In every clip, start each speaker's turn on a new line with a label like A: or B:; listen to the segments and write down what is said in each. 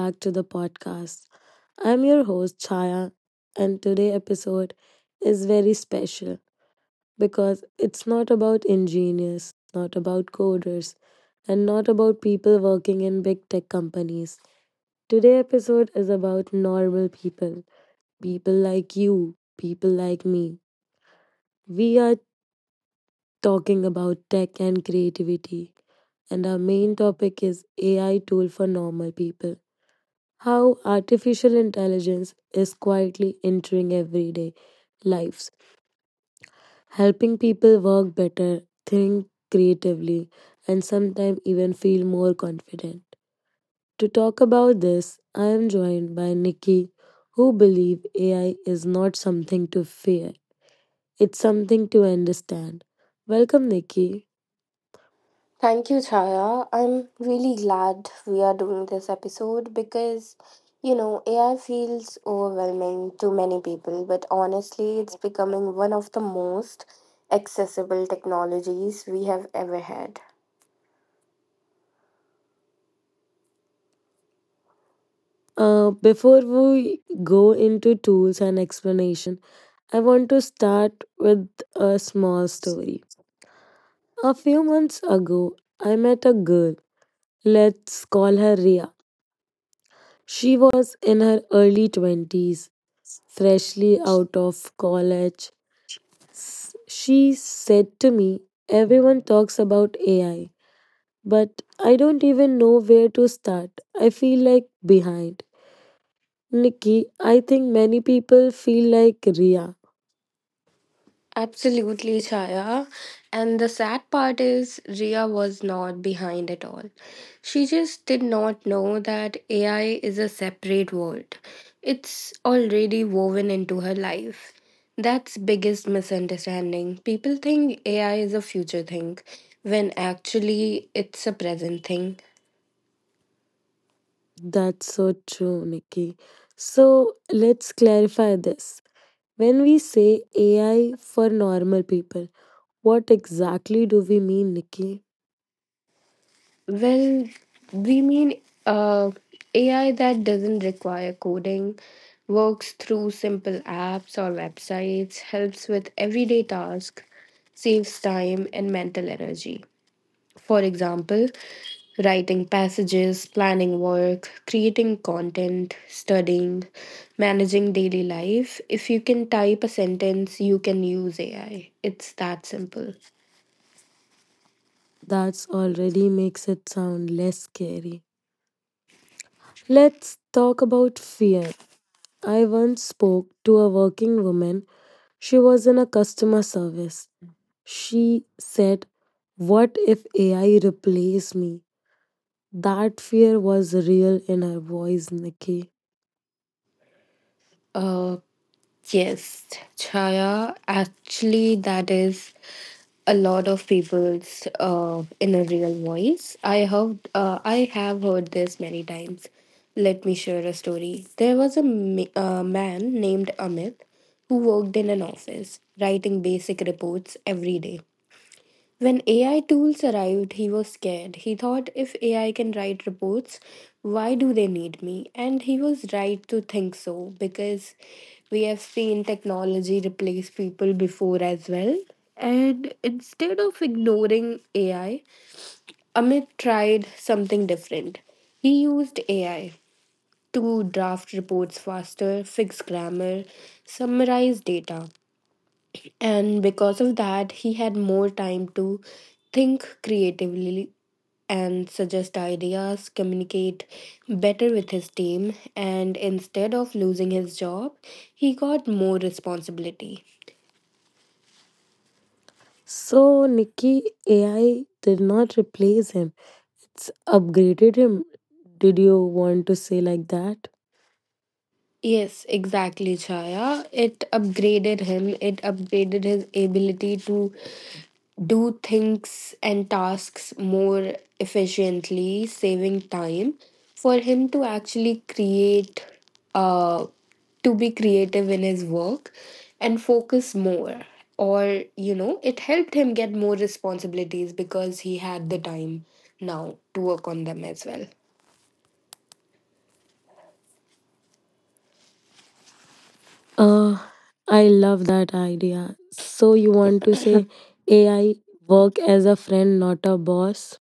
A: Back to the podcast. I'm your host, Chaya, and today episode is very special because it's not about engineers, not about coders, and not about people working in big tech companies. Today episode is about normal people, people like you, people like me. We are talking about tech and creativity, and our main topic is AI tool for normal people. How artificial intelligence is quietly entering everyday lives, helping people work better, think creatively, and sometimes even feel more confident. To talk about this, I am joined by Nikki, who believes AI is not something to fear, it's something to understand. Welcome, Nikki.
B: Thank you, Chaya. I'm really glad we are doing this episode because, you know, AI feels overwhelming to many people, but honestly, it's becoming one of the most accessible technologies we have ever had.
A: Before we go into tools and explanation, I want to start with a small story. A few months ago, I met a girl. Let's call her Ria. She was in her early 20s, freshly out of college. She said to me, "Everyone talks about AI, but I don't even know where to start. I feel like behind." Nikki, I think many people feel like Ria.
B: Absolutely, Chaya. And the sad part is, Ria was not behind at all. She just did not know that AI is a separate world. It's already woven into her life. That's biggest misunderstanding. People think AI is a future thing when actually it's a present thing.
A: That's so true, Nikki. So let's clarify this. When we say AI for normal people, what exactly do we mean, Nikki?
B: Well, we mean AI that doesn't require coding, works through simple apps or websites, helps with everyday tasks, saves time and mental energy. For example, writing passages, planning work, creating content, studying, managing daily life. If you can type a sentence, you can use AI. It's that simple.
A: That's already makes it sound less scary. Let's talk about fear. I once spoke to a working woman. She was in a customer service. She said, "What if AI replace me?" That fear was real in her voice, Nikki.
B: Uh, Yes, Chaya, actually, that is a lot of people's inner real voice. I have heard this many times. Let me share a story. There was a man named Amit who worked in an office, writing basic reports every day. When AI tools arrived, he was scared. He thought, if AI can write reports, why do they need me? And he was right to think so because we have seen technology replace people before as well. And instead of ignoring AI, Amit tried something different. He used AI to draft reports faster, fix grammar, summarize data, and because of that, he had more time to think creatively and suggest ideas, communicate better with his team, and instead of losing his job, he got more responsibility.
A: So, Nikki, AI did not replace him, it's upgraded him. Did you want to say like that?
B: Yes, exactly, Chaya. It upgraded him, it upgraded his ability to do things and tasks more efficiently, saving time for him to actually create, uh, to be creative in his work and focus more. Or, you know, it helped him get more responsibilities because he had the time now to work on them as well.
A: Uh, I love that idea. So you want to say AI work as a friend, not a boss?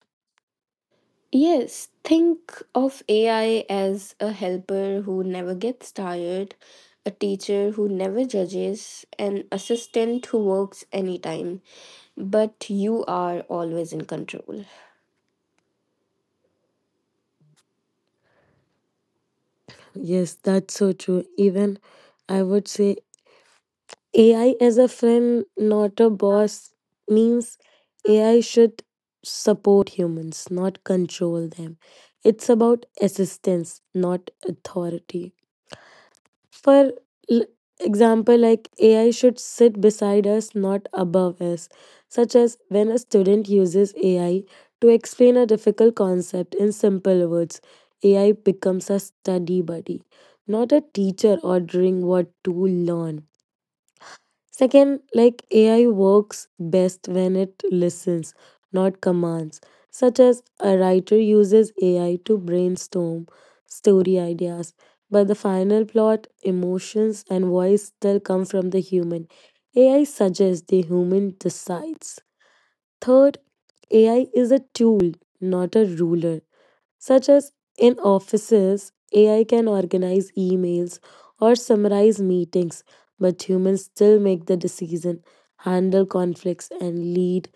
B: Yes, think of AI as a helper who never gets tired, a teacher who never judges, an assistant who works anytime, but you are always in control.
A: Yes, that's so true. Even I would say AI as a friend, not a boss, means AI should support humans, not control them. It's about assistance, not authority. For l- example, like AI should sit beside us, not above us, such as when a student uses AI to explain a difficult concept in simple words, AI becomes a study buddy, not a teacher ordering what to learn. Second, like AI works best when it listens, not commands, such as a writer uses AI to brainstorm story ideas, but the final plot, emotions, and voice still come from the human. AI suggests, the human decides. Third, AI is a tool, not a ruler such as in offices, AI can organize emails or summarize meetings, but humans still make the decision, handle conflicts, and lead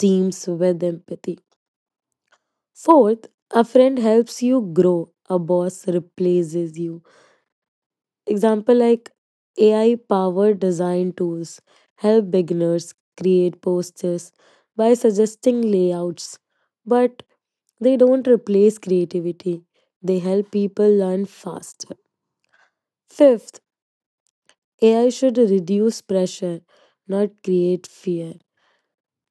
A: teams with empathy. Fourth, a friend helps you grow, a boss replaces you. Example like AI powered design tools help beginners create posters by suggesting layouts, but they don't replace creativity. They help people learn faster. Fifth, AI should reduce pressure, not create fear.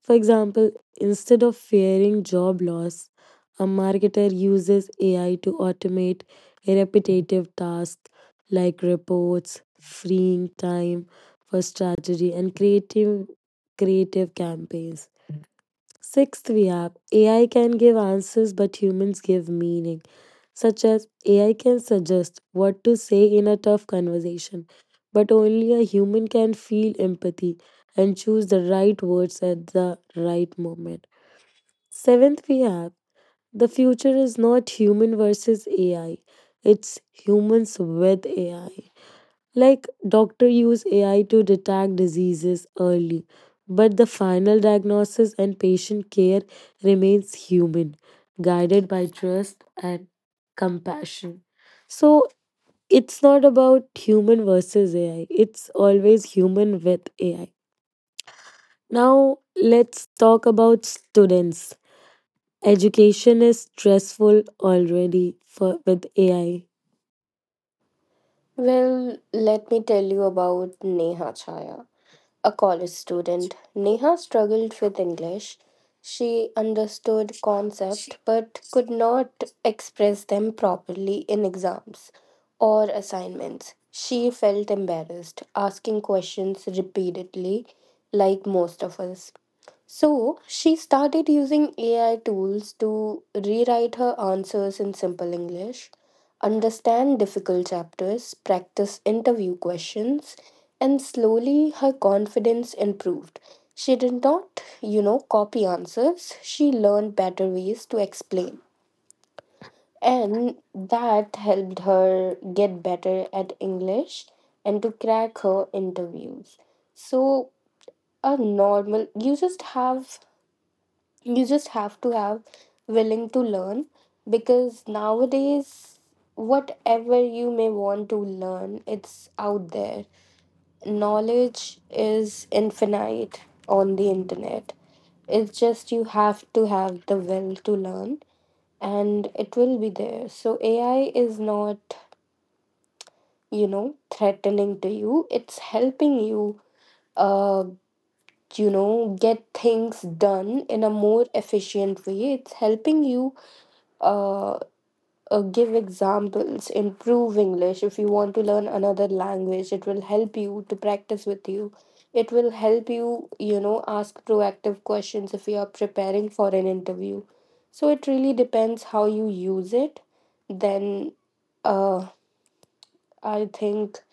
A: For example, instead of fearing job loss, a marketer uses AI to automate repetitive tasks like reports, freeing time for strategy and creative campaigns. Sixth, we have AI can give answers, but humans give meaning, such as AI can suggest what to say in a tough conversation, but only a human can feel empathy and choose the right words at the right moment. Seventh, we have the future is not human versus AI, it's humans with AI. Like doctor use AI to detect diseases early, but the final diagnosis and patient care remains human, guided by trust and compassion. So it's not about human versus AI. It's always human with AI. Now let's talk about students. Education is stressful already for with AI.
B: Well, let me tell you about Neha Chaya, a college student. Neha struggled with English. She understood concepts but could not express them properly in exams or assignments. She felt embarrassed, asking questions repeatedly, like most of us. So she started using AI tools to rewrite her answers in simple English, understand difficult chapters, practice interview questions, and slowly her confidence improved. She did not, you know, copy answers, she learned better ways to explain. And that helped her get better at English and to crack her interviews. So, a normal, you just have to have willing to learn because nowadays whatever you may want to learn, it's out there, knowledge is infinite on the internet, it's just you have to have the will to learn and it will be there. So AI is not, you know, threatening to you, it's helping you uh you know get things done in a more efficient way. It's helping you uh, give examples, improve English. If you want to learn another language, it will help you to practice with you. It will help you, you know, ask proactive questions if you are preparing for an interview. So it really depends how you use it. Then uh, I think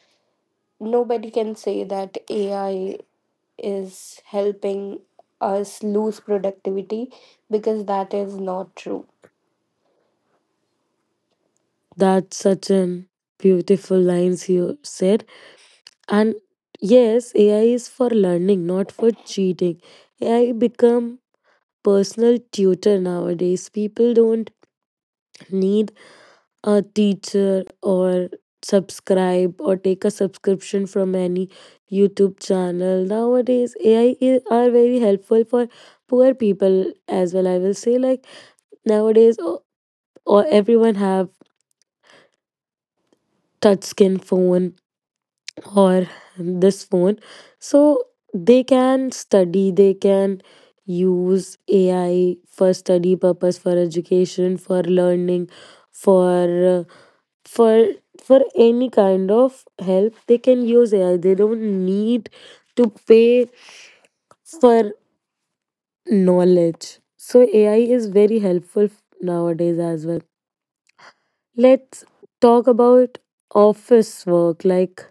B: nobody can say that AI is helping us lose productivity because that is not true.
A: That's such an beautiful lines you said. And yes, AI is for learning, not for cheating. AI become personal tutor nowadays. People don't need a teacher or subscribe or take a subscription from any YouTube channel. Nowadays, AI is, are very helpful for poor people as well. I will say like nowadays, or everyone have touch skin phone or this phone so they can study, they can use AI for study purpose, for education, for learning, for for any kind of help, they can use AI. They don't need to pay for knowledge, so AI is very helpful nowadays as well. Let's talk about office work, like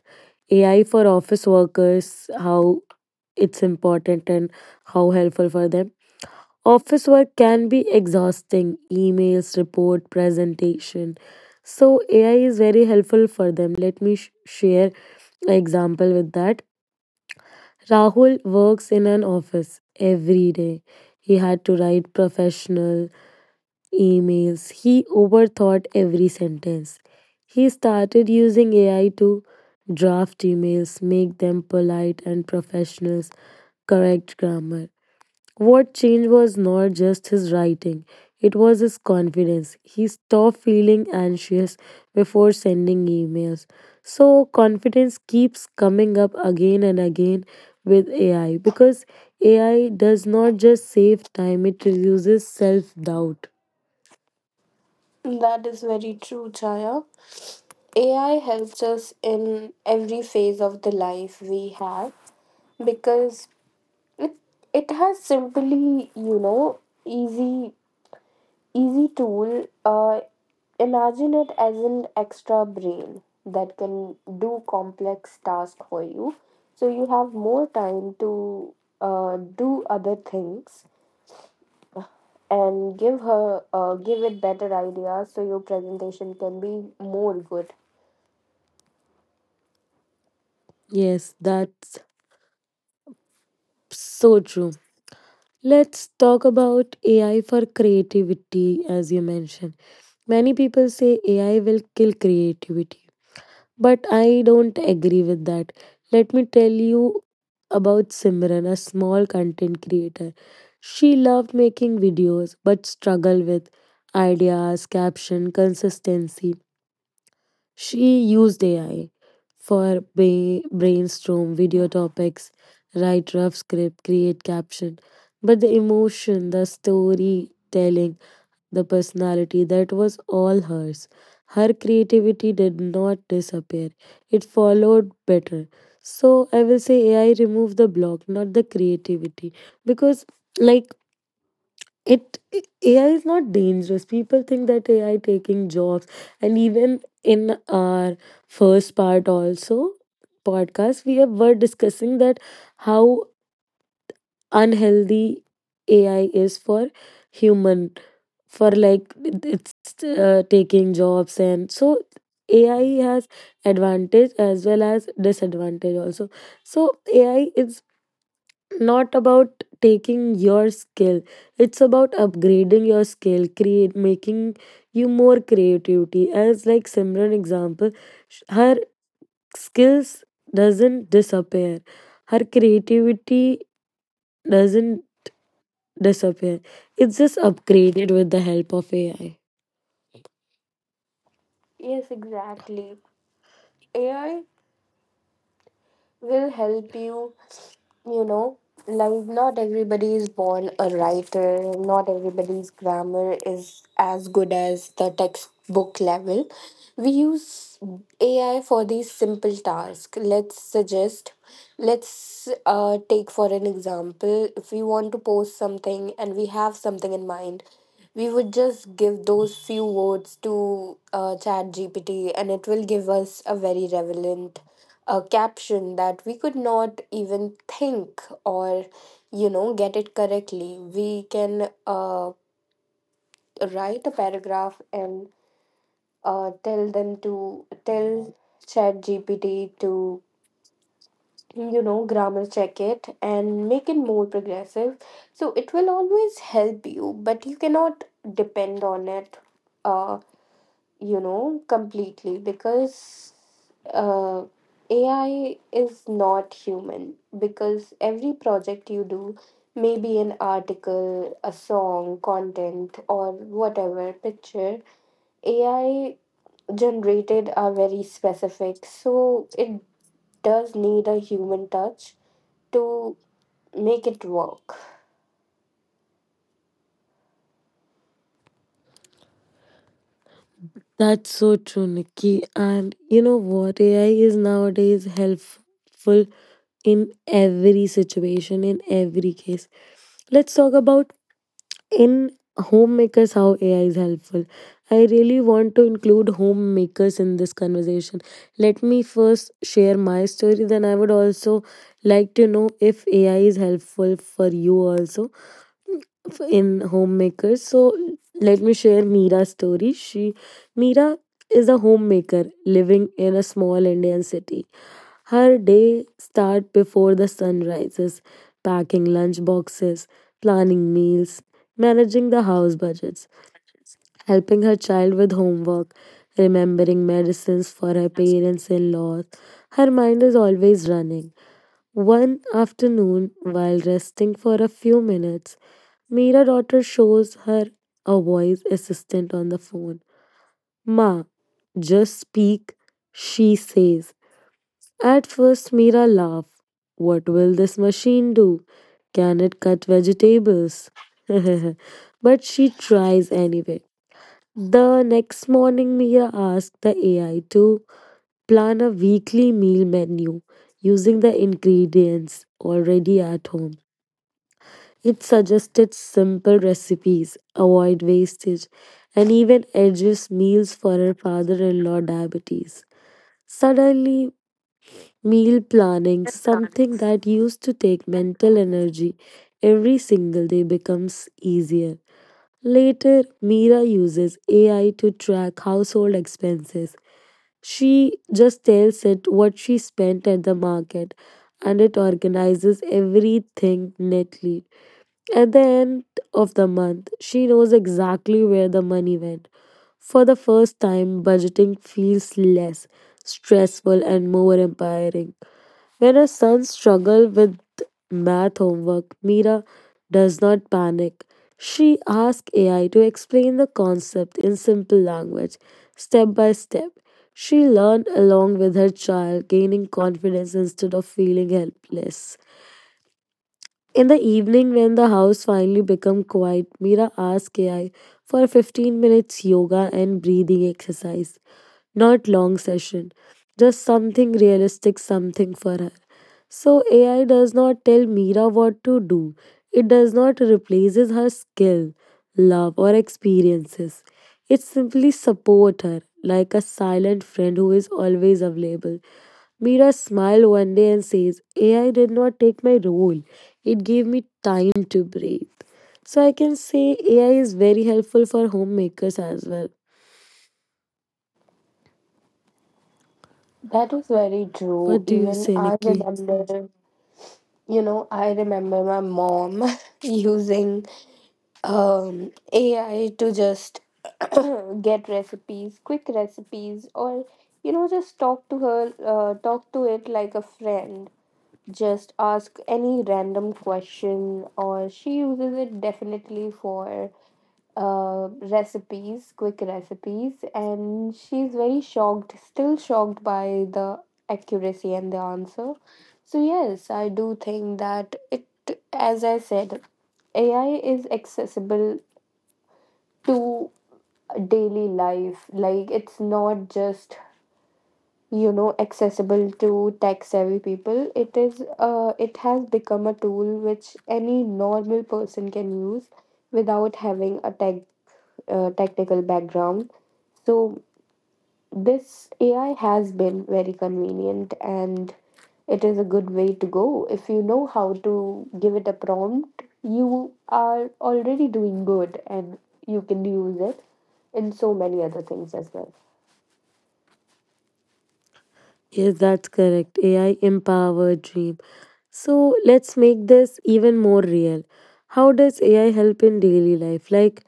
A: AI for office workers, how it's important and how helpful for them. Office work can be exhausting emails, report, presentation. So, AI is very helpful for them. Let me share an example with that. Rahul works in an office every day. He had to write professional, emails. He overthought every sentence. He started using AI to draft emails, make them polite and professional, correct grammar. What changed was not just his writing, it was his confidence. He stopped feeling anxious before sending emails. So, confidence keeps coming up again and again with AI because AI does not just save time, it reduces self doubt.
B: That is very true, Chaya. AI helps us in every phase of the life we have because it, it has simply, you know, easy tool. Imagine it as an extra brain that can do complex tasks for you. So you have more time to do other things and give her give it better ideas so your presentation can be more good.
A: Yes, that's so true. Let's talk about AI for creativity, as you mentioned. Many people say AI will kill creativity, but I don't agree with that. Let me tell you about Simran, a small content creator. She loved making videos but struggled with ideas, caption, consistency. She used AI for brainstorm video topics, write rough script, create caption. But the emotion, the storytelling, the personality, that was all hers. Her creativity did not disappear. It followed better. So I will say AI remove the block, not the creativity. Because like it AI is not dangerous. People think that AI taking jobs, and even in our first part also podcast, we have, were discussing that how unhealthy AI is for human, for like it's taking jobs, and so AI has advantage as well as disadvantage also. So AI is not about taking your skill, it's about upgrading your skill, create making you more creativity as like Simran example, her skills doesn't disappear, her creativity doesn't disappear, it's just upgraded with the help of AI.
B: Yes, exactly. AI will help you, you know, like not everybody is born a writer, not everybody's grammar is as good as the textbook level. We use AI for these simple tasks. Let's suggest, let's take for an example, if we want to post something and we have something in mind, we would just give those few words to ChatGPT and it will give us a very relevant a caption that we could not even think, or you know, get it correctly. We can write a paragraph and tell ChatGPT to, you know, grammar check it and make it more progressive. So it will always help you, but you cannot depend on it, uh, you know, completely, because uh, AI is not human. Because every project you do, maybe an article, a song, content, or whatever picture, AI generated are very specific. So it does need a human touch to make it work.
A: That's so true, Nikki. And you know what? AI is nowadays helpful in every situation, in every case. Let's talk about in homemakers how AI is helpful. I really want to include homemakers in this conversation. Let me first share my story, then I would also like to know if AI is helpful for you also in homemakers. So let me share Mira's story. She Mira is a homemaker living in a small Indian city. Her day start before the sun rises, packing lunch boxes, planning meals, managing the house budgets, helping her child with homework, remembering medicines for her parents in law. Her mind is always running. One afternoon, while resting for a few minutes, Mira daughter shows her a voice assistant on the phone. "Ma, just speak," she says. At first, Mira laughed. "What will this machine do? Can it cut vegetables?" But she tries anyway. The next morning, Mira asked the AI to plan a weekly meal menu using the ingredients already at home. It suggested simple recipes, avoid wastage, and even edges meals for her father in law diabetes. Suddenly, meal planning, something that used to take mental energy every single day, becomes easier. Later, Mira uses AI to track household expenses. She just tells it what she spent at the market and it organizes everything neatly. At the end of the month, she knows exactly where the money went. For the first time, budgeting feels less stressful and more empowering. When her son struggles with math homework, Mira does not panic. She asks AI to explain the concept in simple language, step by step. She learned along with her child, gaining confidence instead of feeling helpless. In the evening, when the house finally became quiet, Mira asked AI for 15 minutes yoga and breathing exercise. Not long session, just something realistic, something for her. So AI does not tell Mira what to do. It does not replaces her skill, love or experiences. It simply support her like a silent friend who is always available. Mira smiled one day and says, "AI did not take my role. It gave me time to breathe." So I can say AI is very helpful for homemakers as well.
B: That is very true.
A: What do you
B: Even
A: say,
B: I
A: Nikki?
B: remember, you know, I remember my mom using AI to just get recipes, quick recipes, or you know, just talk to her, talk to it like a friend. Just ask any random question, or she uses it definitely for recipes, quick recipes, and she's very shocked, still shocked by the accuracy and the answer. So, yes, I do think that it, as I said, AI is accessible to daily life. Like, it's not just, you know, accessible to tech savvy people. It is, it has become a tool which any normal person can use without having a tech technical background. So this AI has been very convenient and it is a good way to go. If you know how to give it a prompt, you are already doing good and you can use it in so many other things as well.
A: Yes, that's correct. AI empowered dream. So let's make this even more real. How does AI help in daily life? Like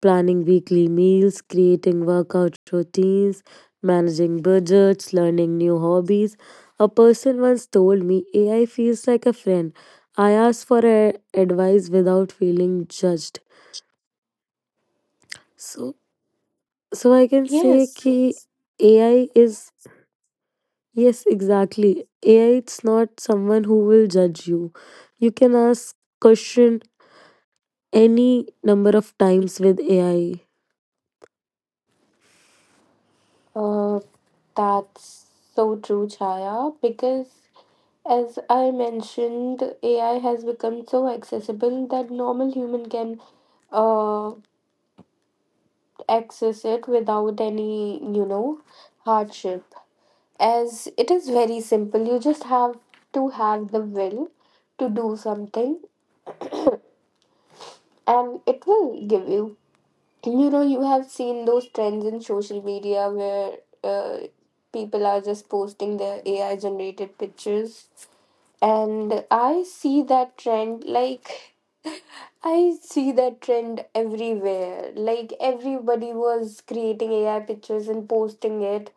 A: planning weekly meals, creating workout routines, managing budgets, learning new hobbies. A person once told me AI feels like a friend. I asked for advice without feeling judged. So, so I can say
B: Yes.
A: ki AI is yes, exactly. AI it's not someone who will judge you. You can ask question any number of times with AI.
B: Uh, that's so true, Chaya, because as I mentioned, AI has become so accessible that normal human can uh, access it without any, you know, hardship. As it is very simple, you just have to have the will to do something and it will give you, you know, you have seen those trends in social media where uh, people are just posting their AI generated pictures, and I see that trend, like, I see that trend everywhere. Like, everybody was creating AI pictures and posting it,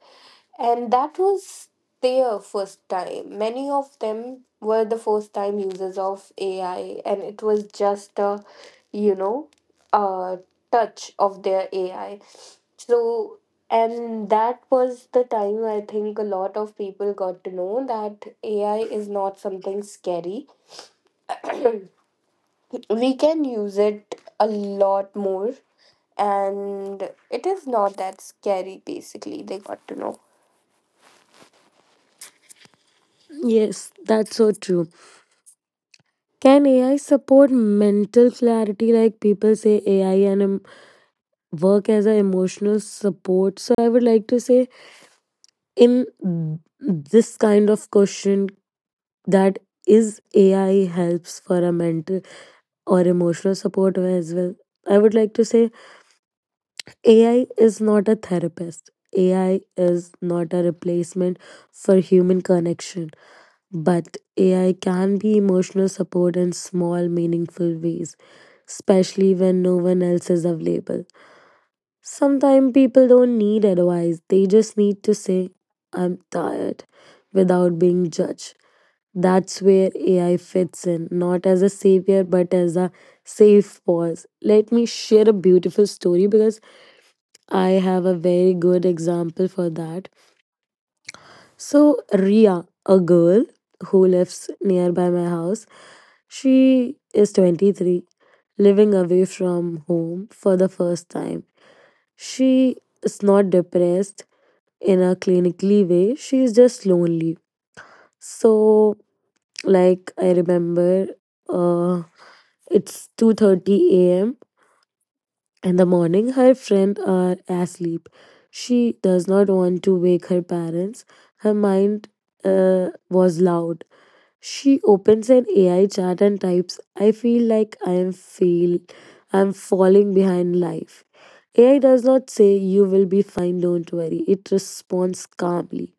B: and that was their first time. Many of them were the first time users of AI, and it was just a, you know, a touch of their AI. So, and that was the time I think a lot of people got to know that AI is not something scary. We can use it a lot more, and it is not that scary, basically, they got to know.
A: Yes, that's so true. Can AI support mental clarity? Like people say, AI and work as an emotional support. So I would like to say, in this kind of question, that is AI helps for a mental or emotional support as well. I would like to say, AI is not a therapist. AI is not a replacement for human connection. But AI can be emotional support in small, meaningful ways, especially when no one else is available. Sometimes people don't need advice, they just need to say, "I'm tired," without being judged. That's where AI fits in, not as a savior, but as a safe pause. Let me share a beautiful story because I have a very good example for that. So, Ria, a girl who lives nearby my house, she is 23, living away from home for the first time. She is not depressed in a clinically way, she is just lonely. So, like I remember, uh, it's 2:30 a.m. in the morning. Her friends are asleep. She does not want to wake her parents. Her mind was loud. She opens an AI chat and types, "I feel like I am fail I'm falling behind life." AI does not say "You will be fine, don't worry." It responds calmly,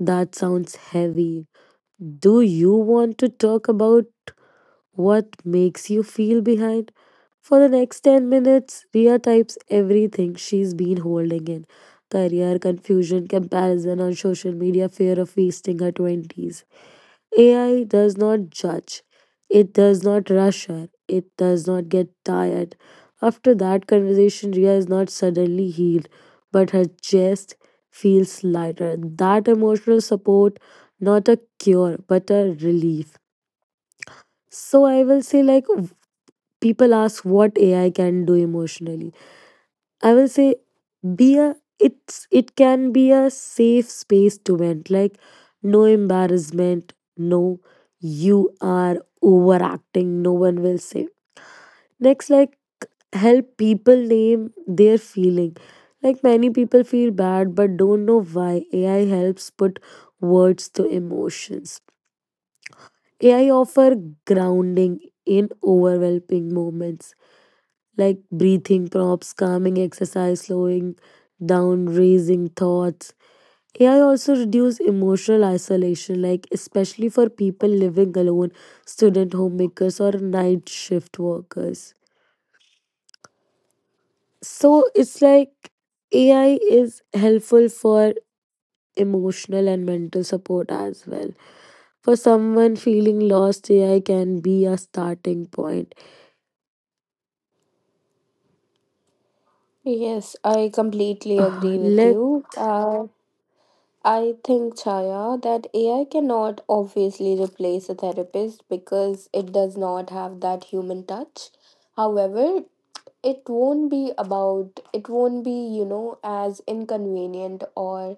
A: "That sounds heavy. Do you want to talk about what makes you feel behind?" For the next 10 minutes, Ria types everything she's been holding in career, confusion, comparison on social media, fear of wasting her 20s. AI does not judge, it does not rush her, it does not get tired. After that conversation, Ria is not suddenly healed, but her chest feels lighter. That emotional support, not a cure, but a relief. So I will say, like, people ask what AI can do emotionally, I will say be a it's it can be a safe space to vent, like no embarrassment, no "you are overacting," no one will say next. Like help people name their feeling, like many people feel bad but don't know why. AI helps put words to emotions. AI offer grounding in overwhelming moments like breathing prompts, calming exercise, slowing down, raising thoughts. AI also reduce emotional isolation, like especially for people living alone, student homemakers or night shift workers. So it's like AI is helpful for emotional and mental support as well. For someone feeling lost, AI can be a starting point.
B: Yes, I completely agree with
A: Let
B: you. I think, Chaya, that AI cannot obviously replace a therapist because it does not have that human touch. However, it won't be, you know, as inconvenient or,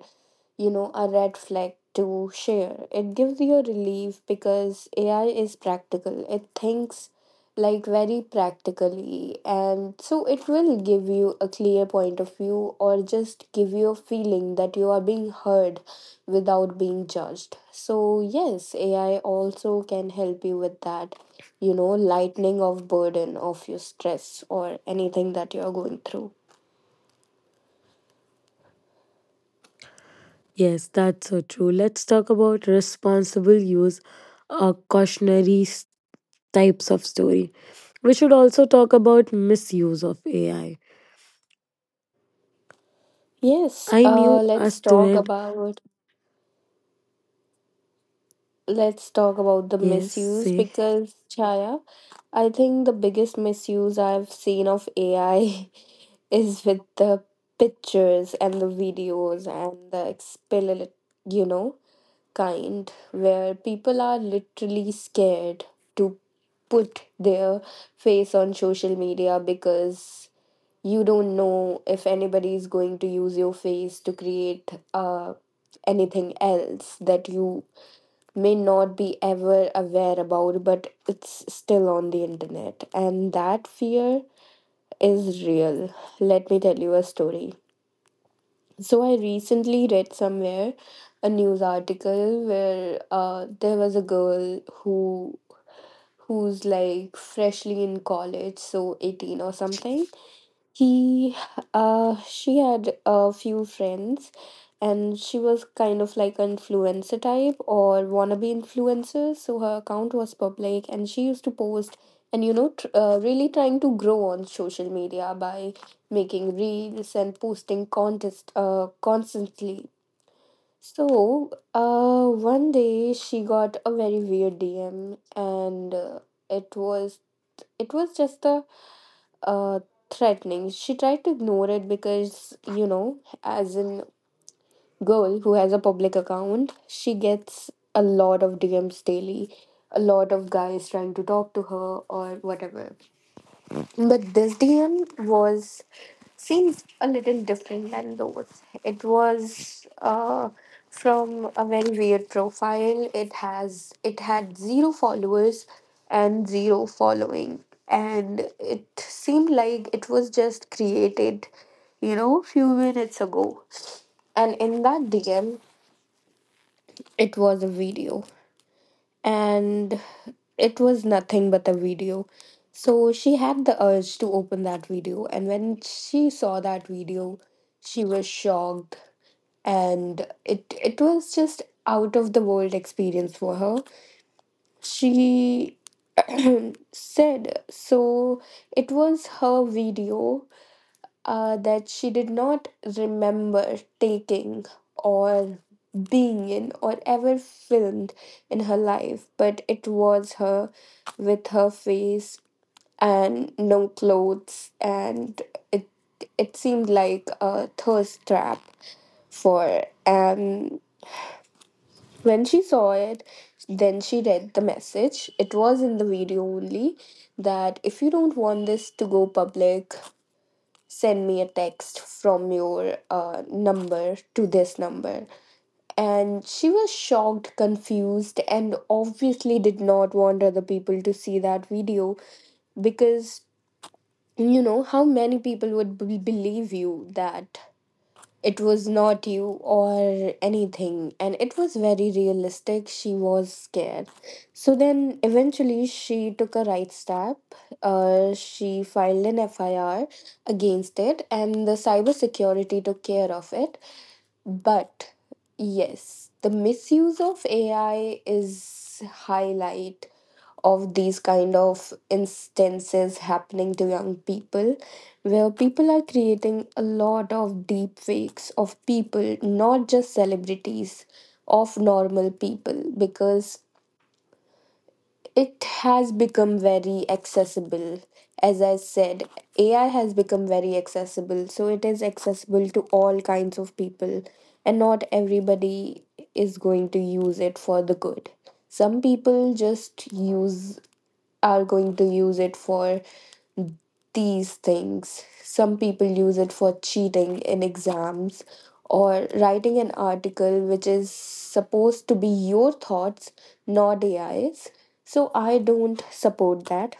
B: you know, a red flag to share. It gives you a relief because AI is practical. It thinks like very practically and so it will give you a clear point of view or just give you a feeling that you are being heard without being judged. So yes, AI also can help you with that, you know, lightening of burden of your stress or anything that you are going through.
A: Yes, that's so true. Let's talk about responsible use, cautionary types of story. We should also talk about misuse of AI.
B: Yes,
A: I knew a student,
B: let's talk about the
A: yes,
B: misuse
A: say
B: because, Chaya, I think the biggest misuse I've seen of AI is with the pictures and the videos and the you know, kind where people are literally scared to put their face on social media because you don't know if anybody is going to use your face to create anything else that you may not be ever aware about, but it's still on the internet. And that fear is real. Let me tell you a story. So, I recently read somewhere a news article where there was a girl who's like freshly in college, so 18 or something. He uh she had a few friends and she was kind of like an influencer type or wannabe influencer, so her account was public and she used to post and, you know, really trying to grow on social media by making reels and posting contest constantly. So, one day she got a very weird DM, and it was it was just a uh, threatening. She tried to ignore it because, you know, as a girl who has a public account, she gets a lot of DMs daily, a lot of guys trying to talk to her or whatever. But this DM was seems a little different than those. It was from a very weird profile. It had zero followers and zero following, and it seemed like it was just created, you know, few minutes ago. And in that DM, it was a video and it was nothing but a video. So she had the urge to open that video, and when she saw that video, she was shocked, and it was just out of the world experience for her. She said so. It was her video that she did not remember taking or being in or ever filmed in her life, but it was her with her face and no clothes, and it it seemed like a thirst trap for when she saw it, then she read the message. It was in the video only that, if you don't want this to go public, send me a text from your number to this number. And she was shocked, confused, and obviously did not want other people to see that video because, you know, how many people would believe you that it was not you or anything, and it was very realistic. She was scared. So then eventually she took a right step. She filed an FIR against it and the cyber security took care of it. But yes, the misuse of AI is highlight of these kind of instances happening to young people, where people are creating a lot of deep fakes of people, not just celebrities, of normal people, because it has become very accessible. As I said, AI has become very accessible, so it is accessible to all kinds of people, and not everybody is going to use it for the good. Some people just use are going to use it for these things. Some people use it for cheating in exams or writing an article which is supposed to be your thoughts, not AI's. So I don't support that.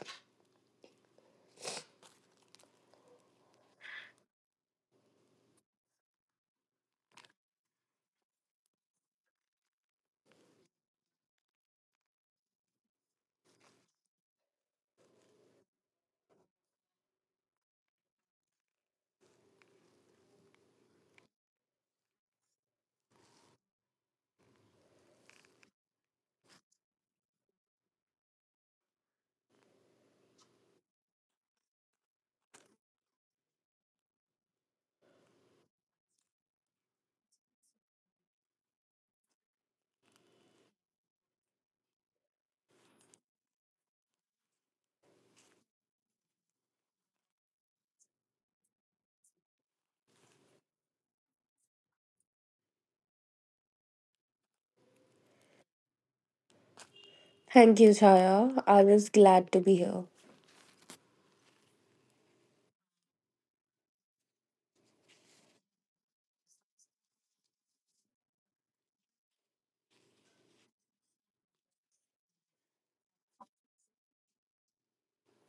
B: Thank you, Chaya. I was glad to be here.